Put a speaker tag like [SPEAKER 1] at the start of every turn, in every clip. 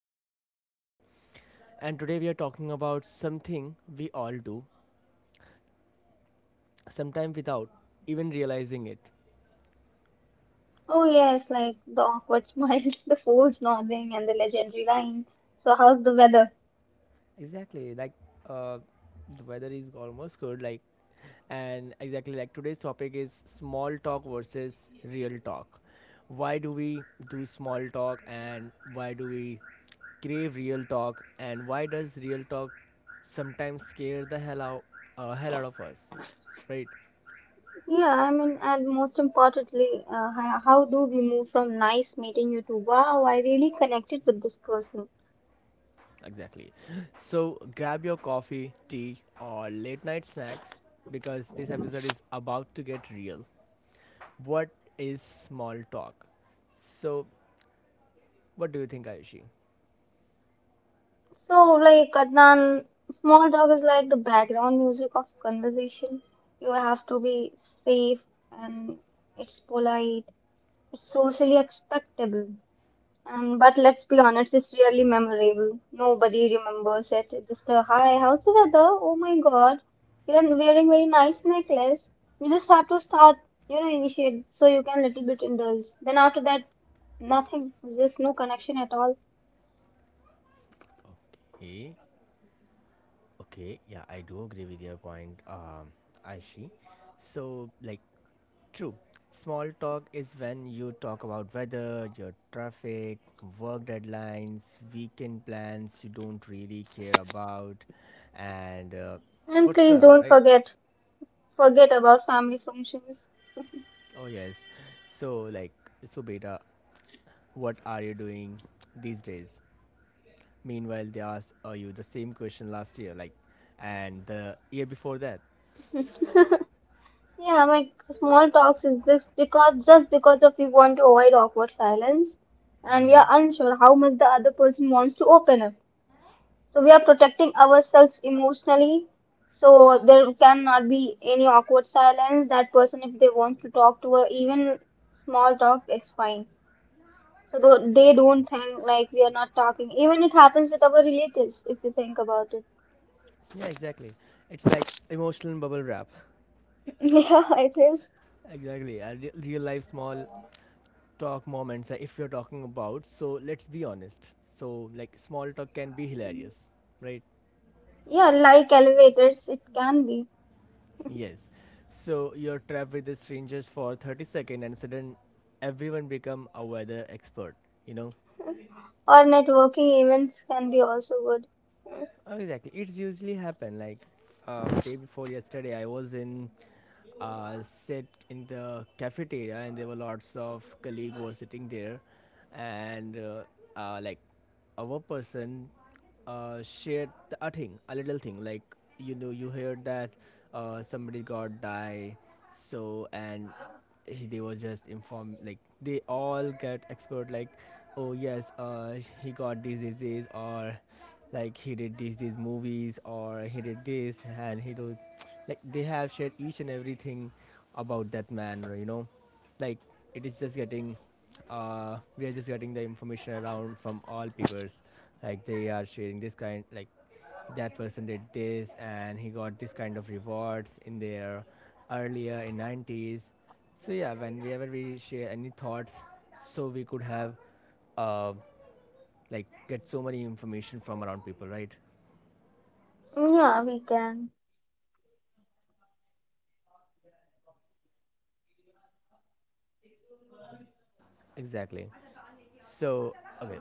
[SPEAKER 1] host Adnan, and today we are talking about something we all do, sometimes without even realizing it.
[SPEAKER 2] Oh yes, like the awkward smiles, the forced nodding, and the legendary line. So how's the weather?
[SPEAKER 1] Exactly, like uh, the weather is almost good, like, and exactly like today's topic is small talk versus real talk. Why do we do small talk, and why do we crave real talk, and why does real talk sometimes scare the hell out of us, right?
[SPEAKER 2] Yeah, I mean, and most importantly, how do we move from nice meeting you to wow, I really connected with this person.
[SPEAKER 1] Exactly, so grab your coffee, tea, or late night snacks, because this episode is about to get real. What is small talk? So what do you think, Ayushi?
[SPEAKER 2] So like Adnan, small talk is like the background music of conversation. You have to be safe and it's polite, it's socially acceptable. But let's be honest, it's really memorable. Nobody remembers it. It's just a hi, how's the weather? Oh my God, you're wearing very nice necklace. You just have to start, initiate so you can little bit indulge. Then after that, nothing. Just no connection at all.
[SPEAKER 1] Okay, okay, yeah, I do agree with your point, Aishi. So like, true. Small talk is when you talk about weather, your traffic, work deadlines, weekend plans you don't really care about, and
[SPEAKER 2] And please
[SPEAKER 1] whatsoever,
[SPEAKER 2] don't
[SPEAKER 1] right?
[SPEAKER 2] forget, forget about family functions.
[SPEAKER 1] Oh, yes. So, like, so beta, what are you doing these days? Meanwhile, they asked you the same question last year, like, and the year before that.
[SPEAKER 2] Yeah, like small talks is this because just because of we want to avoid awkward silence, and we are unsure how much the other person wants to open up. So we are protecting ourselves emotionally. So there cannot be any awkward silence. That person, if they want to talk to her, even small talk, it's fine. So they don't think like we are not talking. Even it happens with our relatives, if you think about it.
[SPEAKER 1] Yeah, exactly. It's like emotional bubble wrap.
[SPEAKER 2] Yeah, it is.
[SPEAKER 1] Exactly. A real life small talk moments, if you're talking about, so let's be honest, so like small talk can be hilarious, right?
[SPEAKER 2] Yeah, like elevators, it can be.
[SPEAKER 1] Yes, so you're trapped with the strangers for 30 seconds and sudden everyone become a weather expert you know
[SPEAKER 2] Or networking events can be also good.
[SPEAKER 1] Oh, exactly. It's usually happen like day before yesterday. I was in, sit in the cafeteria, and there were lots of colleague were sitting there, and like, our person shared a thing, a little thing. Like, you know, you heard that somebody got die, so, and he, they were just informed, like they all get expert, like, oh yes, he got this disease, or like he did these movies, or he did this, and he did. Like, they have shared each and everything about that man, you know. Like, it is just getting, we are just getting the information around from all peoples, like they are sharing this kind, like that person did this, and he got this kind of rewards in their earlier in 90s. So yeah, whenever we share any thoughts, so we could have, uh, like, get so many information from around people, right?
[SPEAKER 2] Yeah, we can.
[SPEAKER 1] Exactly. So, okay,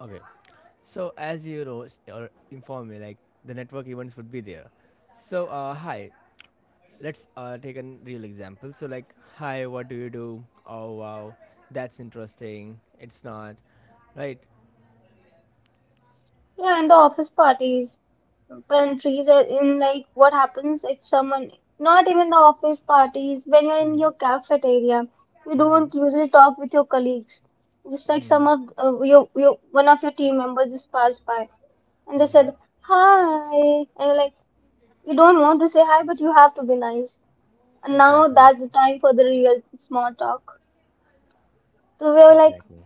[SPEAKER 1] okay, so as you know, or inform me, like the network events would be there. So hi, let's take a real example. So like, hi, what do you do? Oh wow, that's interesting, it's not, right?
[SPEAKER 2] Yeah, and the office parties. When freeze are in, like, what happens if someone, not even the office parties, when you're in
[SPEAKER 1] Hmm.
[SPEAKER 2] your cafeteria, you
[SPEAKER 1] Hmm.
[SPEAKER 2] don't usually talk with your colleagues. Just like some of one of your team members just passed by and they said, hi. And you're like, you don't want to say hi, but you have to be nice. And now
[SPEAKER 1] Exactly.
[SPEAKER 2] that's the time for the real small talk. So we were like,
[SPEAKER 1] Exactly.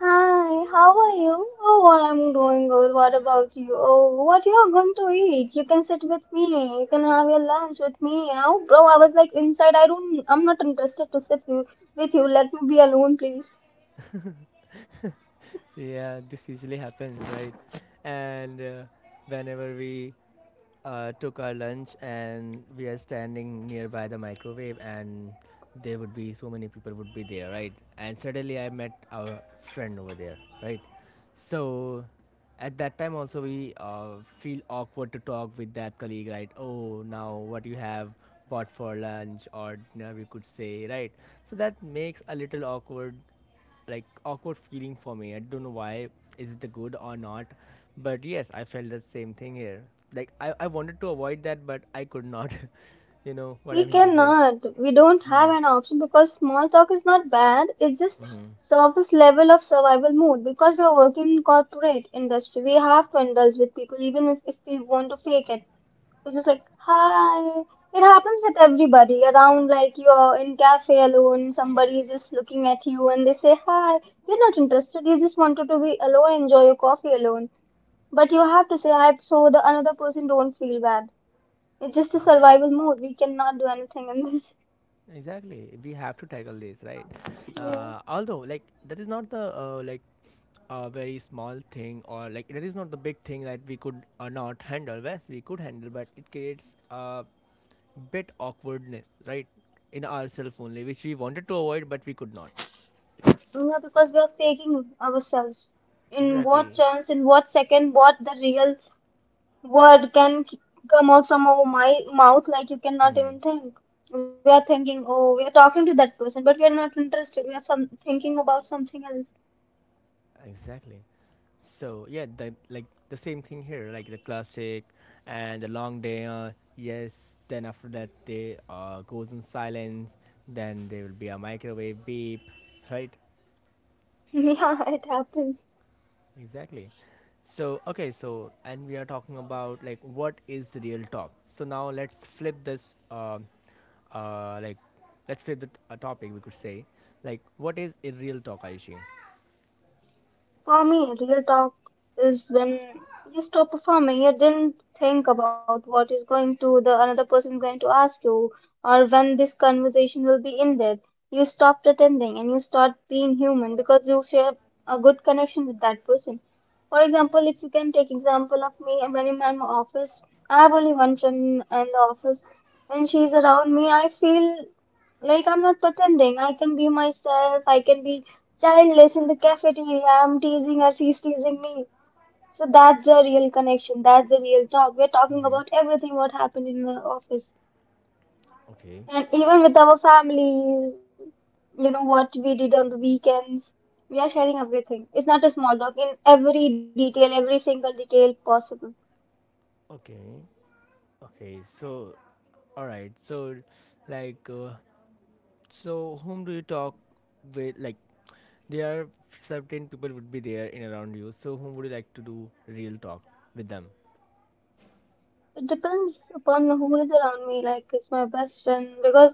[SPEAKER 2] hi, how are you? Oh, I'm doing good. What about you? Oh, what you're going to eat? You can sit with me. You can have your lunch with me. Oh, bro, I was like inside. I don't. I'm not interested to sit with you. Let me be alone, please.
[SPEAKER 1] Yeah, this usually happens, right? And whenever we took our lunch and we are standing nearby the microwave, and there would be so many people would be there, right? And suddenly I met our friend over there, right? So at that time also we feel awkward to talk with that colleague, right? Oh, now what you have bought for lunch or dinner, we could say, right? So that makes a little awkward, like awkward feeling for me. I don't know why, is it the good or not, but yes, I felt the same thing here. Like, I wanted to avoid that, but I could not. You know what I
[SPEAKER 2] We
[SPEAKER 1] mean to say.
[SPEAKER 2] cannot. We don't have an option because small talk is not bad. It's just
[SPEAKER 1] Mm-hmm.
[SPEAKER 2] surface level of survival mode. Because we are working in corporate industry, we have to indulge with people even if we want to fake it. It's just like hi. It happens with everybody around. Like you're in cafe alone, somebody is just looking at you and they say hi. You're not interested. You just wanted to be alone, enjoy your coffee alone. But you have to say hi so the another person don't feel bad. It's just a survival mode. We cannot do anything in this.
[SPEAKER 1] Exactly, we have to tackle this, right?
[SPEAKER 2] Yeah.
[SPEAKER 1] Although, like, that is not the, like a very small thing, or like that is not the big thing that we could, not handle. Yes, we could handle, but it creates a bit awkwardness, right? In ourselves only, which we wanted to avoid, but we could not.
[SPEAKER 2] Yeah, because we are faking ourselves. In what
[SPEAKER 1] Exactly.
[SPEAKER 2] chance, in what second, what the real word come out from our my mouth, like you cannot
[SPEAKER 1] Hmm.
[SPEAKER 2] even think. We are thinking, oh, we are talking to that person, but we are not interested. We are some thinking about something else.
[SPEAKER 1] Exactly. So yeah, the, like, the same thing here, like the classic and the long day. Yes. Then after that, they goes in silence. Then there will be a microwave beep, right?
[SPEAKER 2] Yeah, it happens.
[SPEAKER 1] Exactly. So okay, so, and we are talking about like what is the real talk. So now let's flip this. um like, let's flip the a topic, we could say, like what is a real talk, Aishi?
[SPEAKER 2] For me, real talk is when you stop performing, you didn't think about what is going to the another person going to ask you, or when this conversation will be ended. You stop pretending and you start being human because you share a good connection with that person. For example, if you can take example of me when I'm in my office, I have only one friend in the office. When she's around me, I feel like, I'm not pretending. I can be myself. I can be childless in the cafeteria. I'm teasing her. She's teasing me. So that's the real connection. That's the real talk. We're talking about
[SPEAKER 1] Mm-hmm.
[SPEAKER 2] everything what happened in the office.
[SPEAKER 1] Okay.
[SPEAKER 2] And even with our family, you know, what we did on the weekends. We are sharing everything. It's not a small talk in every detail, every single detail possible.
[SPEAKER 1] Okay. Okay, so, all right, so, like, so whom do you talk with? Like, there are certain people would be there in around you. So whom would you like to do real talk with them?
[SPEAKER 2] It depends upon who is around me, like is my best friend, because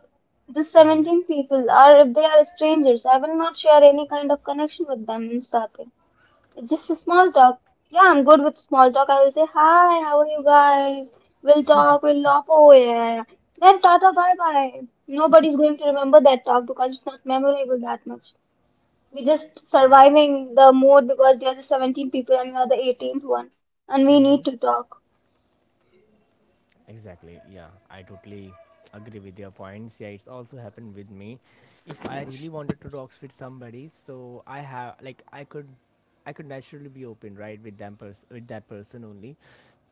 [SPEAKER 2] the 17 people are, if they are strangers, I will not share any kind of connection with them in starting. It's just a small talk. Yeah, I'm good with small talk. I will say, hi, how are you guys? We'll talk, we'll laugh. Oh, yeah. Then tata, bye bye. Nobody's going to remember that talk because it's not memorable that much. We're just
[SPEAKER 1] Okay.
[SPEAKER 2] surviving the mood because there are 17 people and we are the 18th one and we need
[SPEAKER 1] Mm-hmm.
[SPEAKER 2] to talk.
[SPEAKER 1] Exactly. Yeah, I totally agree with your points. Yeah, it's also happened with me. If I really wanted to talk with somebody, so I have like I could naturally be open, right, with them with that person only.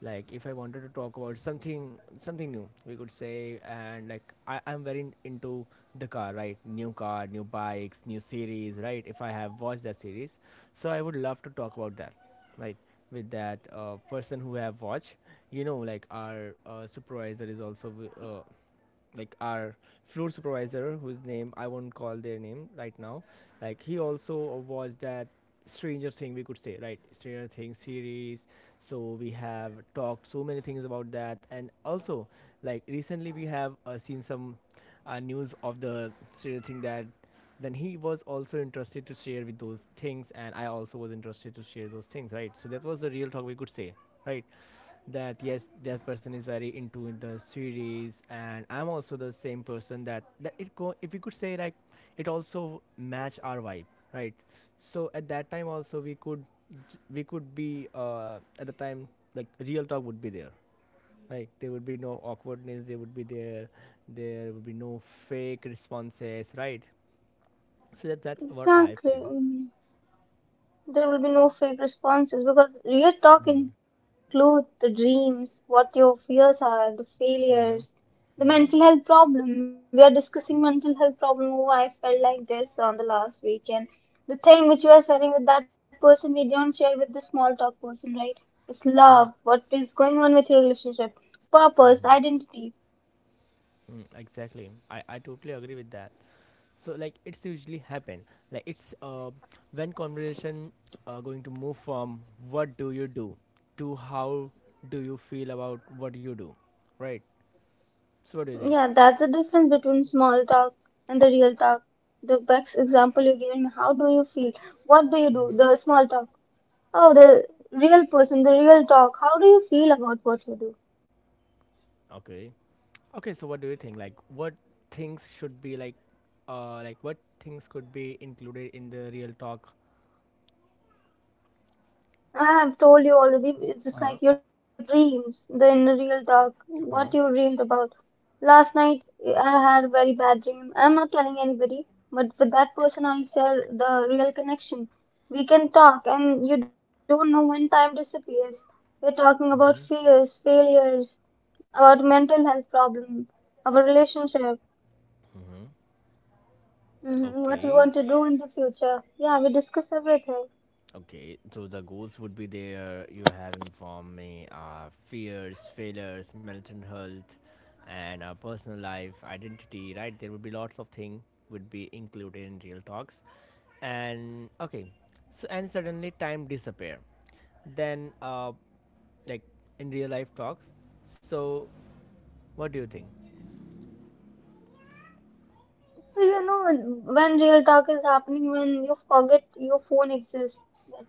[SPEAKER 1] Like, if I wanted to talk about something, something new, we could say, and like I'm very into the car, right? New car, new bikes, new series, right? If I have watched that series, so I would love to talk about that, right, with that person who have watched. You know, like our supervisor is also like our floor supervisor, whose name I won't call their name right now, like he also watched that Stranger Thing, we could say, right? Stranger Thing series. So we have talked so many things about that. And also, like, recently we have seen some news of the Stranger Thing, that then he was also interested to share with those things, and I also was interested to share those things, right? So that was the real talk, we could say, right? That, yes, that person is very into the series, and I'm also the same person, that it go, if we could say, like, it also match our vibe, right? So at that time also we could, we could be, at the time, like, real talk would be there, right? There would be no awkwardness there would be there. There would be no fake responses, right? So that's what I
[SPEAKER 2] Exactly.
[SPEAKER 1] feel.
[SPEAKER 2] There will be no fake responses because real talk
[SPEAKER 1] Mm-hmm.
[SPEAKER 2] includes the dreams, what your fears are, the
[SPEAKER 1] Hmm.
[SPEAKER 2] failures,
[SPEAKER 1] Hmm.
[SPEAKER 2] the mental health problem. We are discussing mental health problem. Oh, I felt like this on the last weekend. The thing which you are sharing with that person, we don't share with the small talk person, right? It's love. What is going on with your relationship? Purpose,
[SPEAKER 1] Hmm.
[SPEAKER 2] identity.
[SPEAKER 1] Mm, exactly. I totally agree with that. So like, it's usually happen like, it's, when conversation going to move from what do you do to how do you feel about what you do, right? So what do you think?
[SPEAKER 2] Yeah, that's the difference between small talk and the real talk. The best example you gave me, how do you feel? What do you do? The small talk. Oh, the real person, the real talk. How do you feel about what you do?
[SPEAKER 1] Okay, okay, so what do you think, like what things should be like, uh, like what things could be included in the real talk?
[SPEAKER 2] I have told you already,
[SPEAKER 1] Uh-huh.
[SPEAKER 2] it's just like your dreams, the inner real talk,
[SPEAKER 1] Uh-huh.
[SPEAKER 2] what you dreamed about. Last night, I had a very bad dream. I'm not telling anybody, but with that person, I share the real connection. We can talk, and you don't know when time disappears. We're talking about
[SPEAKER 1] Mhm.
[SPEAKER 2] fears, failures, about mental health problem, our relationship, hmm what we
[SPEAKER 1] Okay.
[SPEAKER 2] want to do in the future. Yeah, we discuss everything.
[SPEAKER 1] Okay, so the goals would be there. You have informed me, fears, failures, mental health, and personal life, identity. Right, there would be lots of things would be included in real talks, and okay, so, and suddenly time disappear. Then, like, in real life talks. So, what do you think?
[SPEAKER 2] So you know when real talk is happening when you forget your phone exists, that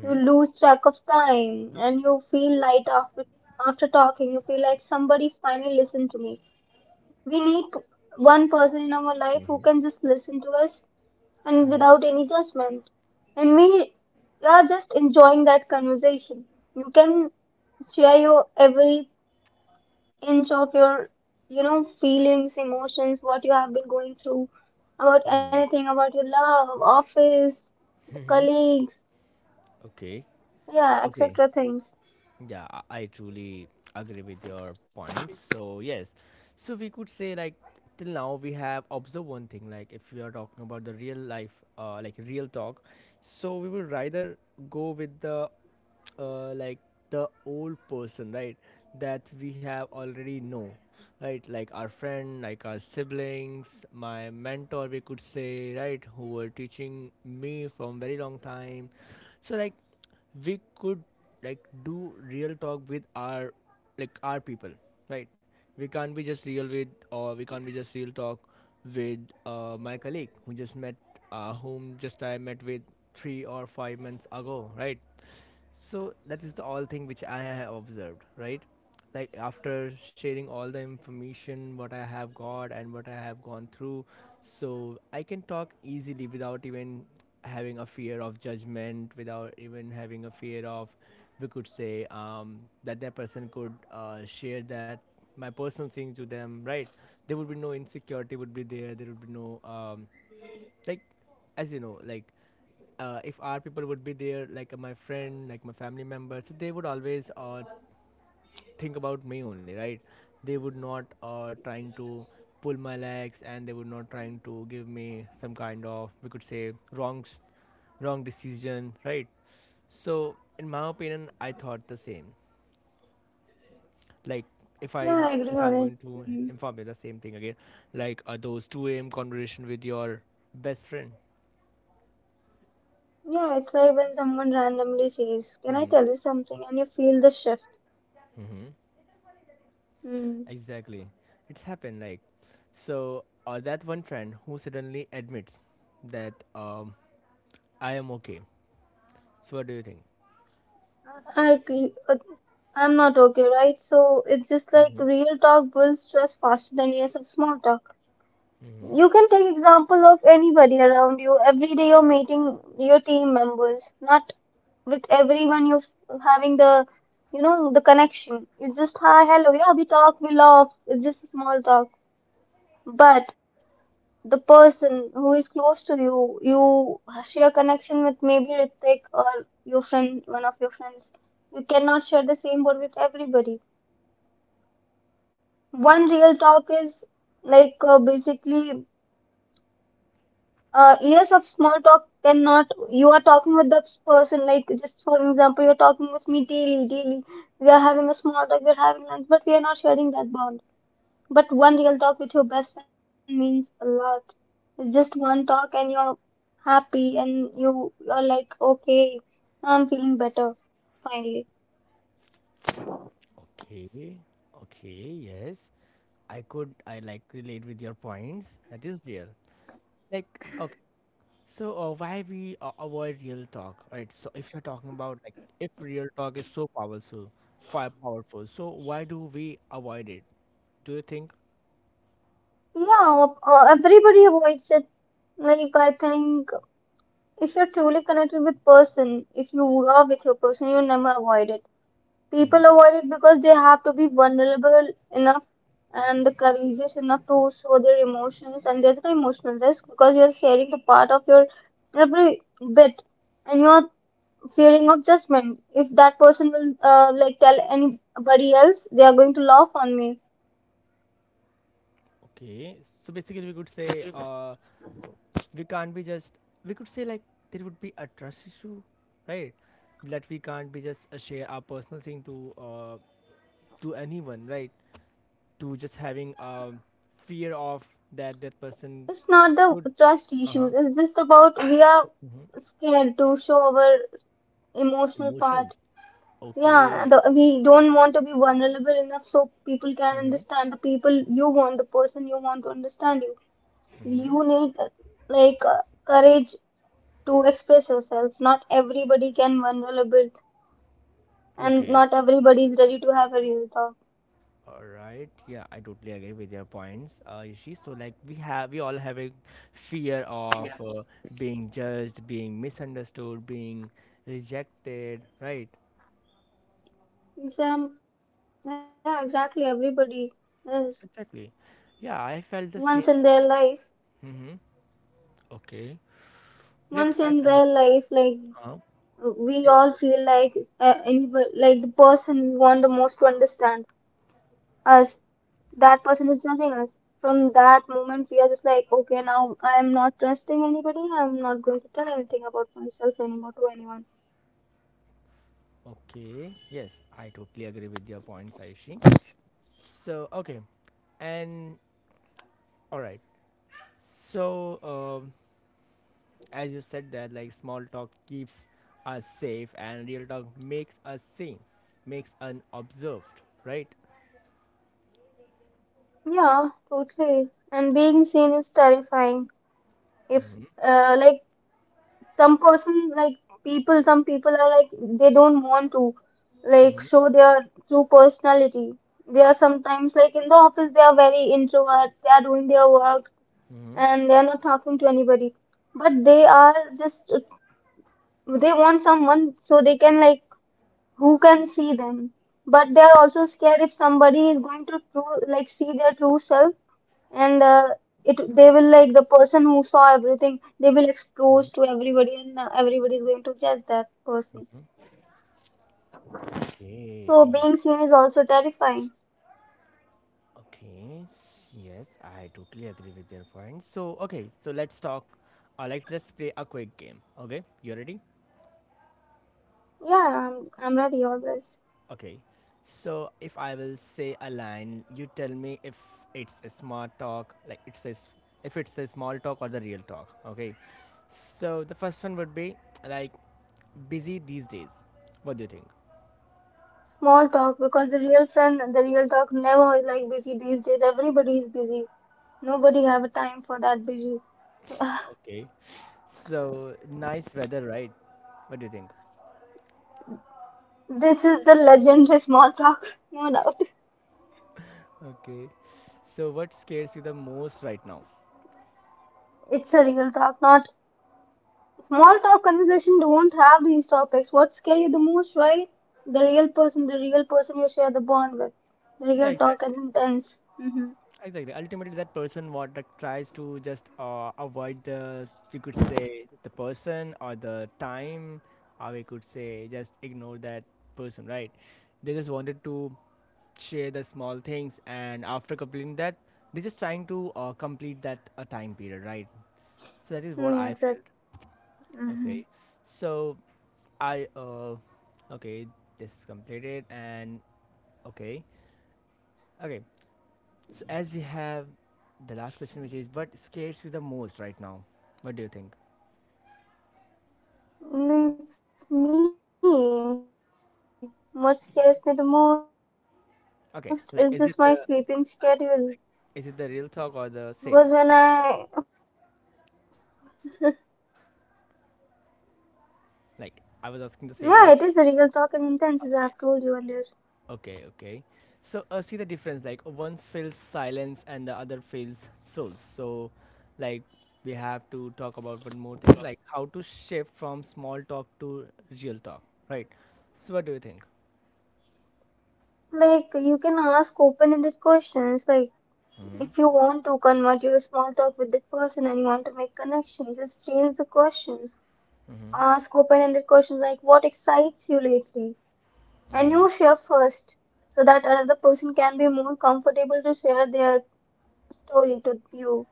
[SPEAKER 2] you lose track of time and you feel light after talking. You feel like somebody finally listened to me. We need one person in our life who
[SPEAKER 1] Mm-hmm.
[SPEAKER 2] can just listen to us and
[SPEAKER 1] Mm-hmm.
[SPEAKER 2] without any judgment. And we are just enjoying that conversation. You can share your every inch of your, you know, feelings, emotions, what you have been going through, about anything, about your love, office, the
[SPEAKER 1] Mm-hmm.
[SPEAKER 2] colleagues,
[SPEAKER 1] Okay.
[SPEAKER 2] yeah,
[SPEAKER 1] Okay.
[SPEAKER 2] etc. things.
[SPEAKER 1] Yeah, I truly agree with your points. So yes, so we could say, like, till now we have observed one thing. Like, if we are talking about the real life, like real talk, so we would rather go with the, like, the old person, right? That we have already know, right? Like our friend, like our siblings, my mentor, we could say, right? Who were teaching me from very long time. So like, we could, like, do real talk with our, like, our people, right? We can't be just real with, or we can't be just real talk with my colleague who just met, whom just I met with 3 or 5 months ago, right? So that is the all thing which I have observed, right? Like, after sharing all the information what I have got and what I have gone through, so I can talk easily without even having a fear of judgment, without even having a fear of, we could say, that that person could share that, my personal thing to them, right? There would be no insecurity would be there. There would be no, like, as you know, like, if our people would be there, like, my friend, like my family member, so they would always, think about me only, right? They would not, trying to pull my legs, and they would not trying to give me some kind of, we could say, wrong wrong decision, right? So in my opinion, I thought the same. Like, if
[SPEAKER 2] Yeah,
[SPEAKER 1] I'm
[SPEAKER 2] I agree
[SPEAKER 1] if I'm
[SPEAKER 2] on
[SPEAKER 1] going
[SPEAKER 2] it.
[SPEAKER 1] to
[SPEAKER 2] Mhm.
[SPEAKER 1] inform you the same thing again, like, those 2 a.m. conversation with your best friend.
[SPEAKER 2] Yeah, it's like when someone randomly says, can I
[SPEAKER 1] Mm-hmm.
[SPEAKER 2] tell you something? And you feel the shift.
[SPEAKER 1] Mm-hmm.
[SPEAKER 2] Hmm.
[SPEAKER 1] Exactly, it's happened like, so, or that one friend who suddenly admits that, I am okay. So, what do you think?
[SPEAKER 2] I agree. But I'm not okay, right? So it's just
[SPEAKER 1] Hmm.
[SPEAKER 2] like real talk builds trust faster than years of small talk.
[SPEAKER 1] Hmm.
[SPEAKER 2] You can take example of anybody around you. Every day you're meeting your team members, not with everyone you're having the, you know, the connection. It's just hi, hello, yeah, we talk, we laugh. It's just a small talk. But the person who is close to you, you share connection with maybe Ritik or your friend, one of your friends. You cannot share the same word with everybody. One real talk is like basically years of small talk cannot you are talking with the person like just for example you're talking with me daily daily we are having a small talk, we're having lunch, but we are not sharing that bond. But one real talk with your best friend means a lot. It's just one talk and you're happy and you're like okay, I'm feeling better finally.
[SPEAKER 1] Okay. Okay. Yes. I could, I like relate with your points. That is real. Like, okay. So why we avoid real talk, right? So if you're talking about like, if real talk is so powerful, fire powerful. So why do we avoid it, do you think?
[SPEAKER 2] Yeah, everybody avoids it, like I think if you're truly connected with person, if you are with your person, you never avoid it. People
[SPEAKER 1] Hmm.
[SPEAKER 2] avoid it because they have to be vulnerable enough and courageous enough to show their emotions, and there's an emotional risk because you're sharing the part of your every bit, and you're fearing of judgment. If that person will like tell anybody else, they are going to laugh on me.
[SPEAKER 1] Okay. So basically, we could say we can't be just we could say like there would be a trust issue, right? That we can't be just share our personal thing to anyone, right? To just having a fear of that person
[SPEAKER 2] It's not the
[SPEAKER 1] could
[SPEAKER 2] trust
[SPEAKER 1] uh-huh
[SPEAKER 2] issues. It's just about we are
[SPEAKER 1] hmm
[SPEAKER 2] scared to show our emotional part.
[SPEAKER 1] emotions
[SPEAKER 2] Yeah,
[SPEAKER 1] okay
[SPEAKER 2] the, we don't want to be vulnerable enough so people can
[SPEAKER 1] hmm
[SPEAKER 2] understand the people you want, the person you want to understand you. You need like uh, courage to express yourself. Not everybody can vulnerable, and
[SPEAKER 1] okay
[SPEAKER 2] not everybody is ready to have a real talk.
[SPEAKER 1] all right, yeah, I totally agree with your points, Rishi. So like we all have a fear of being judged, being misunderstood, being rejected, right?
[SPEAKER 2] Some, yeah, exactly. Everybody is
[SPEAKER 1] Exactly.
[SPEAKER 2] once in
[SPEAKER 1] Yeah,
[SPEAKER 2] their
[SPEAKER 1] I felt
[SPEAKER 2] life.
[SPEAKER 1] the same thing. Mm-hmm.
[SPEAKER 2] Once
[SPEAKER 1] Okay.
[SPEAKER 2] in their life, like
[SPEAKER 1] Like I felt
[SPEAKER 2] we
[SPEAKER 1] the same.
[SPEAKER 2] all feel like
[SPEAKER 1] Uh-huh.
[SPEAKER 2] anybody, like the
[SPEAKER 1] Yeah, yeah, go ahead.
[SPEAKER 2] person we want the most to understand us, that person is judging us. From that moment, we are just like, okay, now I'm not trusting anybody. I'm not going to tell anything about myself anymore to anyone.
[SPEAKER 1] Okay. Yes, I totally agree with your points, Aishi. So okay, and all right. So, as you said, that like small talk keeps us safe and real talk makes us seen, makes unobserved, right?
[SPEAKER 2] Yeah, totally. And being seen is terrifying. If,
[SPEAKER 1] Mm-hmm.
[SPEAKER 2] like, Some person, like, people, some people are like, they don't want to, like,
[SPEAKER 1] Mm-hmm.
[SPEAKER 2] show their true personality. They are sometimes, like, in the office, they are very introvert. They are doing their work and they are not talking to anybody, but they are just they want someone so they can, like, who can see them, but they are also scared if somebody is going to true, like, see their true self. And uh, it they will, like, the person who saw everything, they will expose to everybody, and everybody is going to judge that person.
[SPEAKER 1] Okay.
[SPEAKER 2] So being seen is also terrifying.
[SPEAKER 1] Okay, yes, I totally agree with your point. So, okay, so let's talk. Let's just play a quick game. Okay, you ready?
[SPEAKER 2] I'm ready always.
[SPEAKER 1] Okay, so if I will say a line, you tell me if it's a smart talk, like it says, if it's a small talk or the real talk. Okay, so the first one would be like busy these days. What do you think?
[SPEAKER 2] Small talk, because the real friend, the real talk, never is like busy these days. Everybody is busy, nobody have a time for that busy.
[SPEAKER 1] Okay, so nice weather, right? What do you think?
[SPEAKER 2] This is the legendary small talk, no doubt.
[SPEAKER 1] Okay, so what scares you the most right now?
[SPEAKER 2] It's a real talk, not small talk. Conversation don't have these topics. What scare you the most, right? The real person you share the bond with.
[SPEAKER 1] Yeah,
[SPEAKER 2] Real talk
[SPEAKER 1] exactly.
[SPEAKER 2] and intense. Mm-hmm.
[SPEAKER 1] Exactly. Ultimately, that person what that tries to just avoid the, you could say, the person or the time, or we could say just ignore that person, right? They just wanted to share the small things, and after completing that, they're just trying to complete that time period, right? So that is what
[SPEAKER 2] Yeah,
[SPEAKER 1] I felt.
[SPEAKER 2] exactly. Mm-hmm.
[SPEAKER 1] Okay, so I okay, this is completed, and okay, okay. So as we have the last question, which is what scares you the most right now? What do you think?
[SPEAKER 2] It's me. What scares me the
[SPEAKER 1] Okay,
[SPEAKER 2] most
[SPEAKER 1] like is
[SPEAKER 2] is
[SPEAKER 1] it the
[SPEAKER 2] just my sleeping
[SPEAKER 1] okay, like
[SPEAKER 2] schedule.
[SPEAKER 1] is it the real talk or the same?
[SPEAKER 2] Because when I,
[SPEAKER 1] Like I was asking the same.
[SPEAKER 2] yeah,
[SPEAKER 1] Like
[SPEAKER 2] it is a real talk and intense, as I have
[SPEAKER 1] okay,
[SPEAKER 2] told you earlier.
[SPEAKER 1] okay, okay. So see the difference. Like one feels silence and the other feels souls. So like we have to talk about one more thing, like how to shift from small talk to real talk, right? So what do you think?
[SPEAKER 2] Like, you can ask open ended questions like,
[SPEAKER 1] Mm-hmm.
[SPEAKER 2] if you want to convert your small talk with that person and you want to make connections, just change the questions.
[SPEAKER 1] Mm-hmm.
[SPEAKER 2] Ask open-ended questions like, what excites you lately? And you share first so that another person can be more comfortable to share their story to you,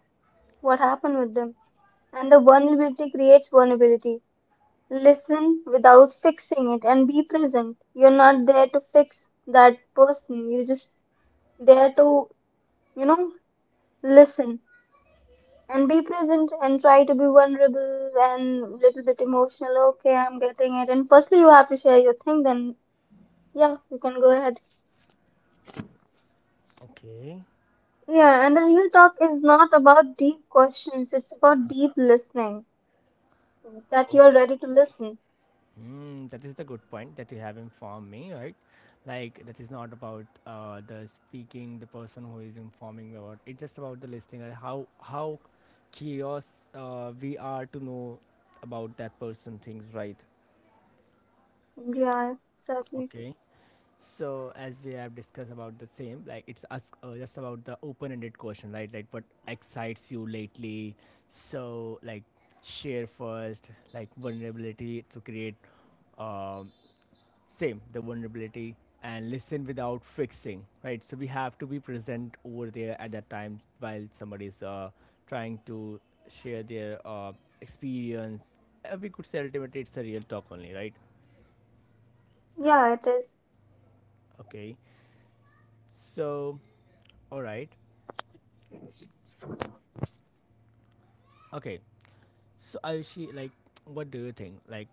[SPEAKER 2] what happened with them. And the vulnerability creates vulnerability. Listen without fixing it and be present. You're not there to fix that person. You're just there to, you know, listen and be present and try to be vulnerable and little bit emotional. Okay, I'm getting it. And firstly, you have to share your thing. Then yeah, you can go ahead.
[SPEAKER 1] Mm-hmm.
[SPEAKER 2] Yeah, and the real talk is not about deep questions. It's about deep listening. That you're
[SPEAKER 1] Okay.
[SPEAKER 2] ready to listen.
[SPEAKER 1] Mm, that is the good point that you have informed me, right? Like that is not about the speaking, the person who is informing me about. It's just about the listening and how curious we are to know about that person things, right?
[SPEAKER 2] Yeah, exactly.
[SPEAKER 1] Okay. So as we have discussed about the same, like it's us just about the open-ended question, right? Like what excites you lately? So like share first, like vulnerability to create um, same the vulnerability and listen without fixing, right? So we have to be present over there at that time while somebody is trying to share their experience. We could say ultimately it's a real talk only, right?
[SPEAKER 2] Yeah, it is.
[SPEAKER 1] Okay, so all right, okay. So Ayushi, like, what do you think? Like,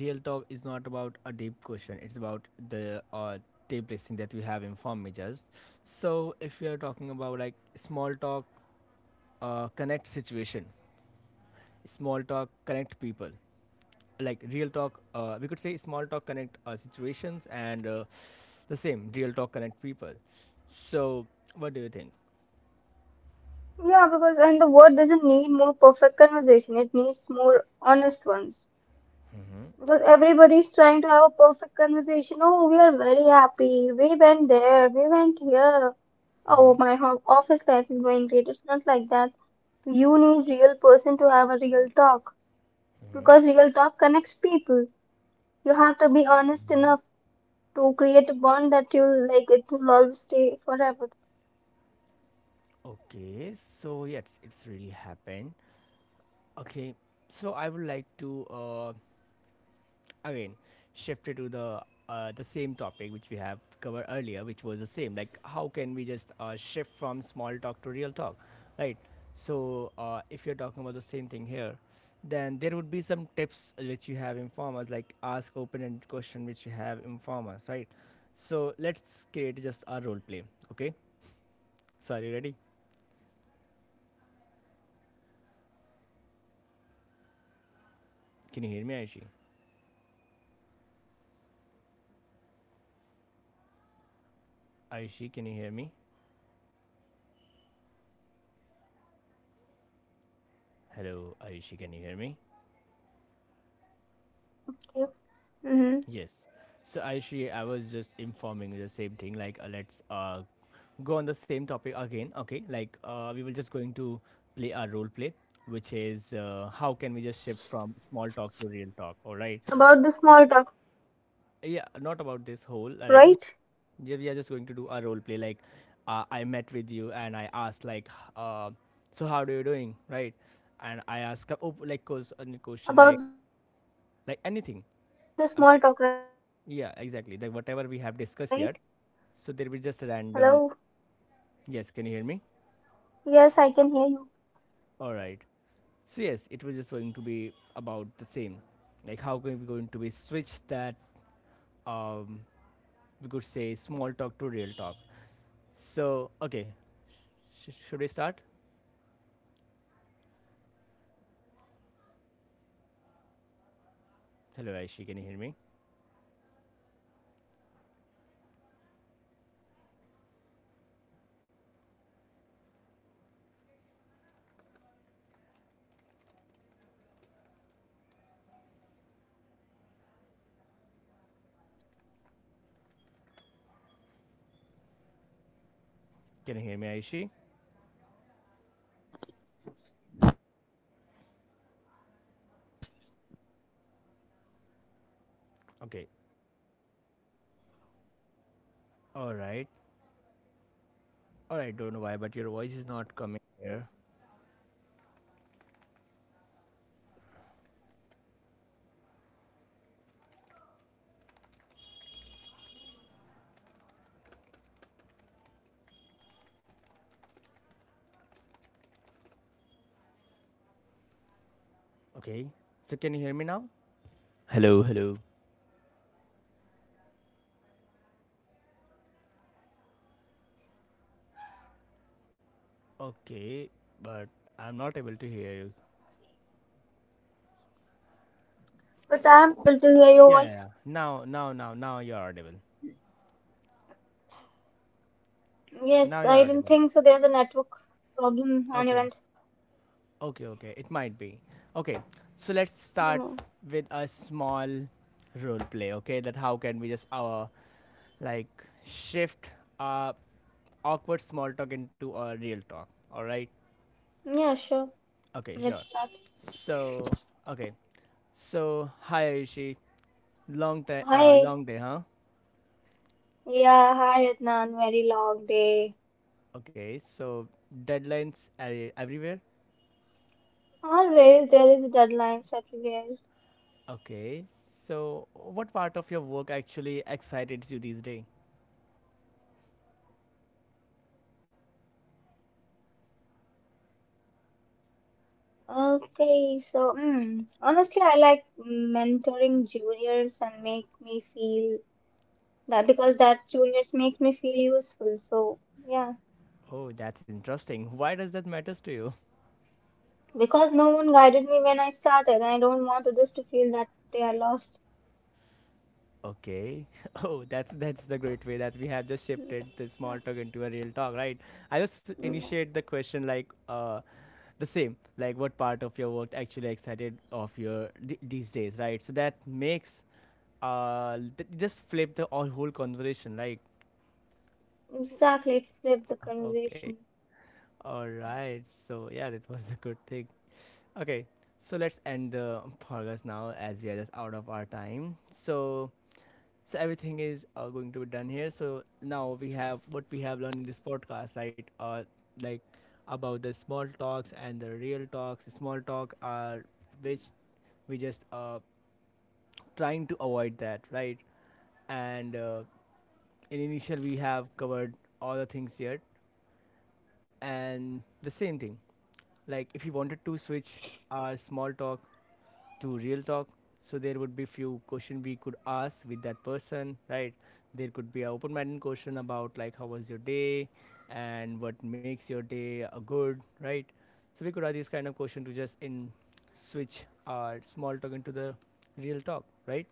[SPEAKER 1] real talk is not about a deep question. It's about the deep listening that we have in form majors. So if we are talking about like small talk, connect situation, small talk connect people. Like real talk, we could say small talk connect situations, and the same real talk connect people. So what do you think?
[SPEAKER 2] Yeah, because and the world doesn't need more perfect conversation. It needs more honest ones.
[SPEAKER 1] Mm-hmm.
[SPEAKER 2] Because
[SPEAKER 1] Ex-
[SPEAKER 2] everybody's trying to have a perfect conversation. Oh, we are very happy. We went there. We went here. Oh,
[SPEAKER 1] Mm-hmm.
[SPEAKER 2] my ho office life is going great. It's not like that. You need real person to have a real talk because real talk connects people. You have to be honest
[SPEAKER 1] Mm-hmm.
[SPEAKER 2] enough to create a bond that you'll like. It will always stay forever.
[SPEAKER 1] Okay, so yes, it's really happened. Okay, so I would like to again shift it to the same topic which we have covered earlier, which was the same. Like, how can we just shift from small talk to real talk, right? So, if you're talking about the same thing here, then there would be some tips which you have informers, like ask open-ended question which you have informers, right? So let's create just a role play. Okay, so are you ready?
[SPEAKER 2] Okay. Mm-hmm.
[SPEAKER 1] Can you hear me,
[SPEAKER 2] About the
[SPEAKER 1] Aishi?
[SPEAKER 2] small talk, right? About the small talk, right?
[SPEAKER 1] Aishi, can you hear me?
[SPEAKER 2] Yes, I can hear you. Hello.
[SPEAKER 1] Hello, Ayushi, can you hear me?
[SPEAKER 2] Yes, I can hear you.
[SPEAKER 1] Yes. So, Ayushi, I was just informing you the same thing. Like, let's go on the same topic again. Okay. Like, we were just going to play our role play, which is how can we just shift from small talk to real talk? All right. Yeah. Not about this whole. Like, we yeah, we are just going to do a role play. Like, I met with you and I asked, like, so how are you doing? Right. And I ask, like, cause, a question, like anything. Yeah, exactly. Like whatever
[SPEAKER 2] Yeah,
[SPEAKER 1] we have
[SPEAKER 2] Rico,
[SPEAKER 1] discussed
[SPEAKER 2] I
[SPEAKER 1] here.
[SPEAKER 2] will.
[SPEAKER 1] So there
[SPEAKER 2] It's
[SPEAKER 1] will be just
[SPEAKER 2] like,
[SPEAKER 1] a random.
[SPEAKER 2] mm-hmm,
[SPEAKER 1] Yes, can you hear
[SPEAKER 2] sure.
[SPEAKER 1] me?
[SPEAKER 2] Like, mm, yeah. So, Sure, what will happen,
[SPEAKER 1] All right.
[SPEAKER 2] Adnan? That I'm
[SPEAKER 1] So
[SPEAKER 2] going
[SPEAKER 1] yes,
[SPEAKER 2] to
[SPEAKER 1] it was
[SPEAKER 2] ask
[SPEAKER 1] just going
[SPEAKER 2] you.
[SPEAKER 1] to be about the same. Like how can we going to be switch that um we could say small talk to real talk. So okay, should we start?
[SPEAKER 2] Yeah, sure. Can you hear me, Adnan?
[SPEAKER 1] Hello, Aishi. Can you hear me?
[SPEAKER 2] Yes, I can. Hello, hello, hello.
[SPEAKER 1] Can you hear me, Aishi?
[SPEAKER 2] Y- Yes, I can hear you.
[SPEAKER 1] Okay. All right. All right. Don't know why, but your voice is not coming here.
[SPEAKER 2] Can you hear me? Because from my end, there's a.
[SPEAKER 1] Okay. So can you hear me now?
[SPEAKER 2] Yes,
[SPEAKER 1] Hello,
[SPEAKER 2] I
[SPEAKER 1] hello.
[SPEAKER 2] can hear you,
[SPEAKER 1] Okay, but I'm not able to hear you.
[SPEAKER 2] but I'm able to hear your voice.
[SPEAKER 1] Yeah, yeah, yeah. Now you're audible.
[SPEAKER 2] Yes, I do not think so. There's a network
[SPEAKER 1] Now you're audible.
[SPEAKER 2] problem on your end.
[SPEAKER 1] Okay, okay, okay. It might be. Okay, so let's
[SPEAKER 2] Mm,
[SPEAKER 1] start with a small role play. Okay, that how can we just like shift uh awkward small talk into a real talk. All right.
[SPEAKER 2] Yeah, sure.
[SPEAKER 1] Okay,
[SPEAKER 2] Let's
[SPEAKER 1] sure.
[SPEAKER 2] start.
[SPEAKER 1] So okay, so hi Ayushi. Long time,
[SPEAKER 2] Hi.
[SPEAKER 1] long day, huh?
[SPEAKER 2] Yeah, hi Adnan. Very long day.
[SPEAKER 1] Okay, so deadlines are everywhere.
[SPEAKER 2] Always there is deadlines everywhere.
[SPEAKER 1] Okay, so what part of your work actually excited you these days?
[SPEAKER 2] Okay, so honestly, I like mentoring juniors and make me feel that, because that juniors make me feel useful. So yeah,
[SPEAKER 1] Oh, that's interesting. Why does that matters to you?
[SPEAKER 2] because no one guided me when I started, I don't want others to feel that they are lost.
[SPEAKER 1] Okay. Oh, that's the great way that we have just
[SPEAKER 2] Mm,
[SPEAKER 1] shifted the small talk into a real talk, right? I just
[SPEAKER 2] Yeah,
[SPEAKER 1] initiate the question like the same, like what part of your work actually excited of your these days, right? So that makes just flip the all whole conversation, like
[SPEAKER 2] exactly. It flipped the
[SPEAKER 1] okay,
[SPEAKER 2] conversation.
[SPEAKER 1] all right. So yeah, that was a good thing. Okay, so let's end the podcast now as we are just out of our time. So so everything is going to be done here. So now we have what we have learned in this podcast, right? Like about the small talks and the real talks. Small talk are which we just trying to avoid that, right? And in initial we have covered all the things here, and the same thing. Like if you wanted to switch our small talk to real talk, so there would be few question we could ask with that person, right? There could be a open-minded question about like how was your day and what makes your day a good, right? So we could add this kind of question to just in switch our small talk into the real talk, right?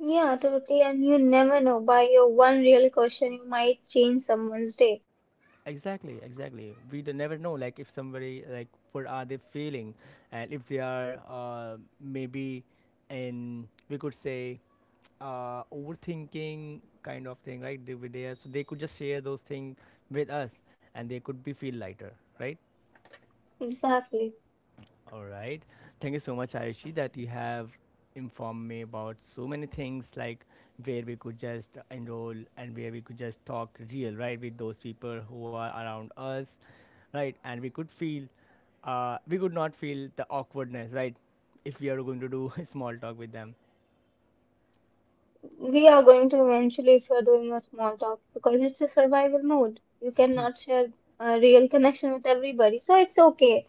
[SPEAKER 2] Yeah, totally. And you never know. By your one real question, you might change someone's day. So please do it.
[SPEAKER 1] Exactly, exactly, never know like if somebody like what are they feeling, and if they are maybe in, we could say, overthinking kind of thing, right? They were there, so they could just share those things with us, and they could be feel lighter, right?
[SPEAKER 2] Exactly.
[SPEAKER 1] All right. Thank you so much, Ayushi, that you have informed me about so many things, like where we could just enroll and where we could just talk real, right, with those people who are around us, right? And we could feel, we could not feel the awkwardness, right? If we are going to do small talk with them.
[SPEAKER 2] We are going to eventually, if you're doing a small talk, because it's a survival mode. You cannot share a real connection with everybody. So it's okay.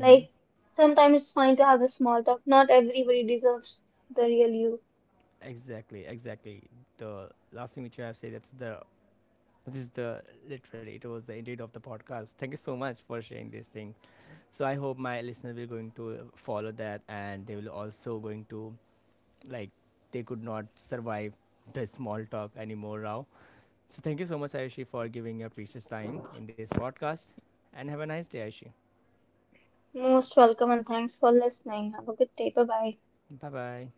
[SPEAKER 2] Like, sometimes it's fine to have a small talk. Not everybody deserves the real you.
[SPEAKER 1] Exactly, exactly. The last thing which you have said that's the This is the literally it was the indeed of the podcast. Thank you so much for sharing this thing. So I hope my listeners will going to follow that and they will also going to like they could not survive the small talk anymore now. So thank you so much Ayushi for giving your precious time in this podcast and have a nice day Ayushi.
[SPEAKER 2] Most welcome and thanks for listening. Have a good day. Bye bye.
[SPEAKER 1] Bye bye.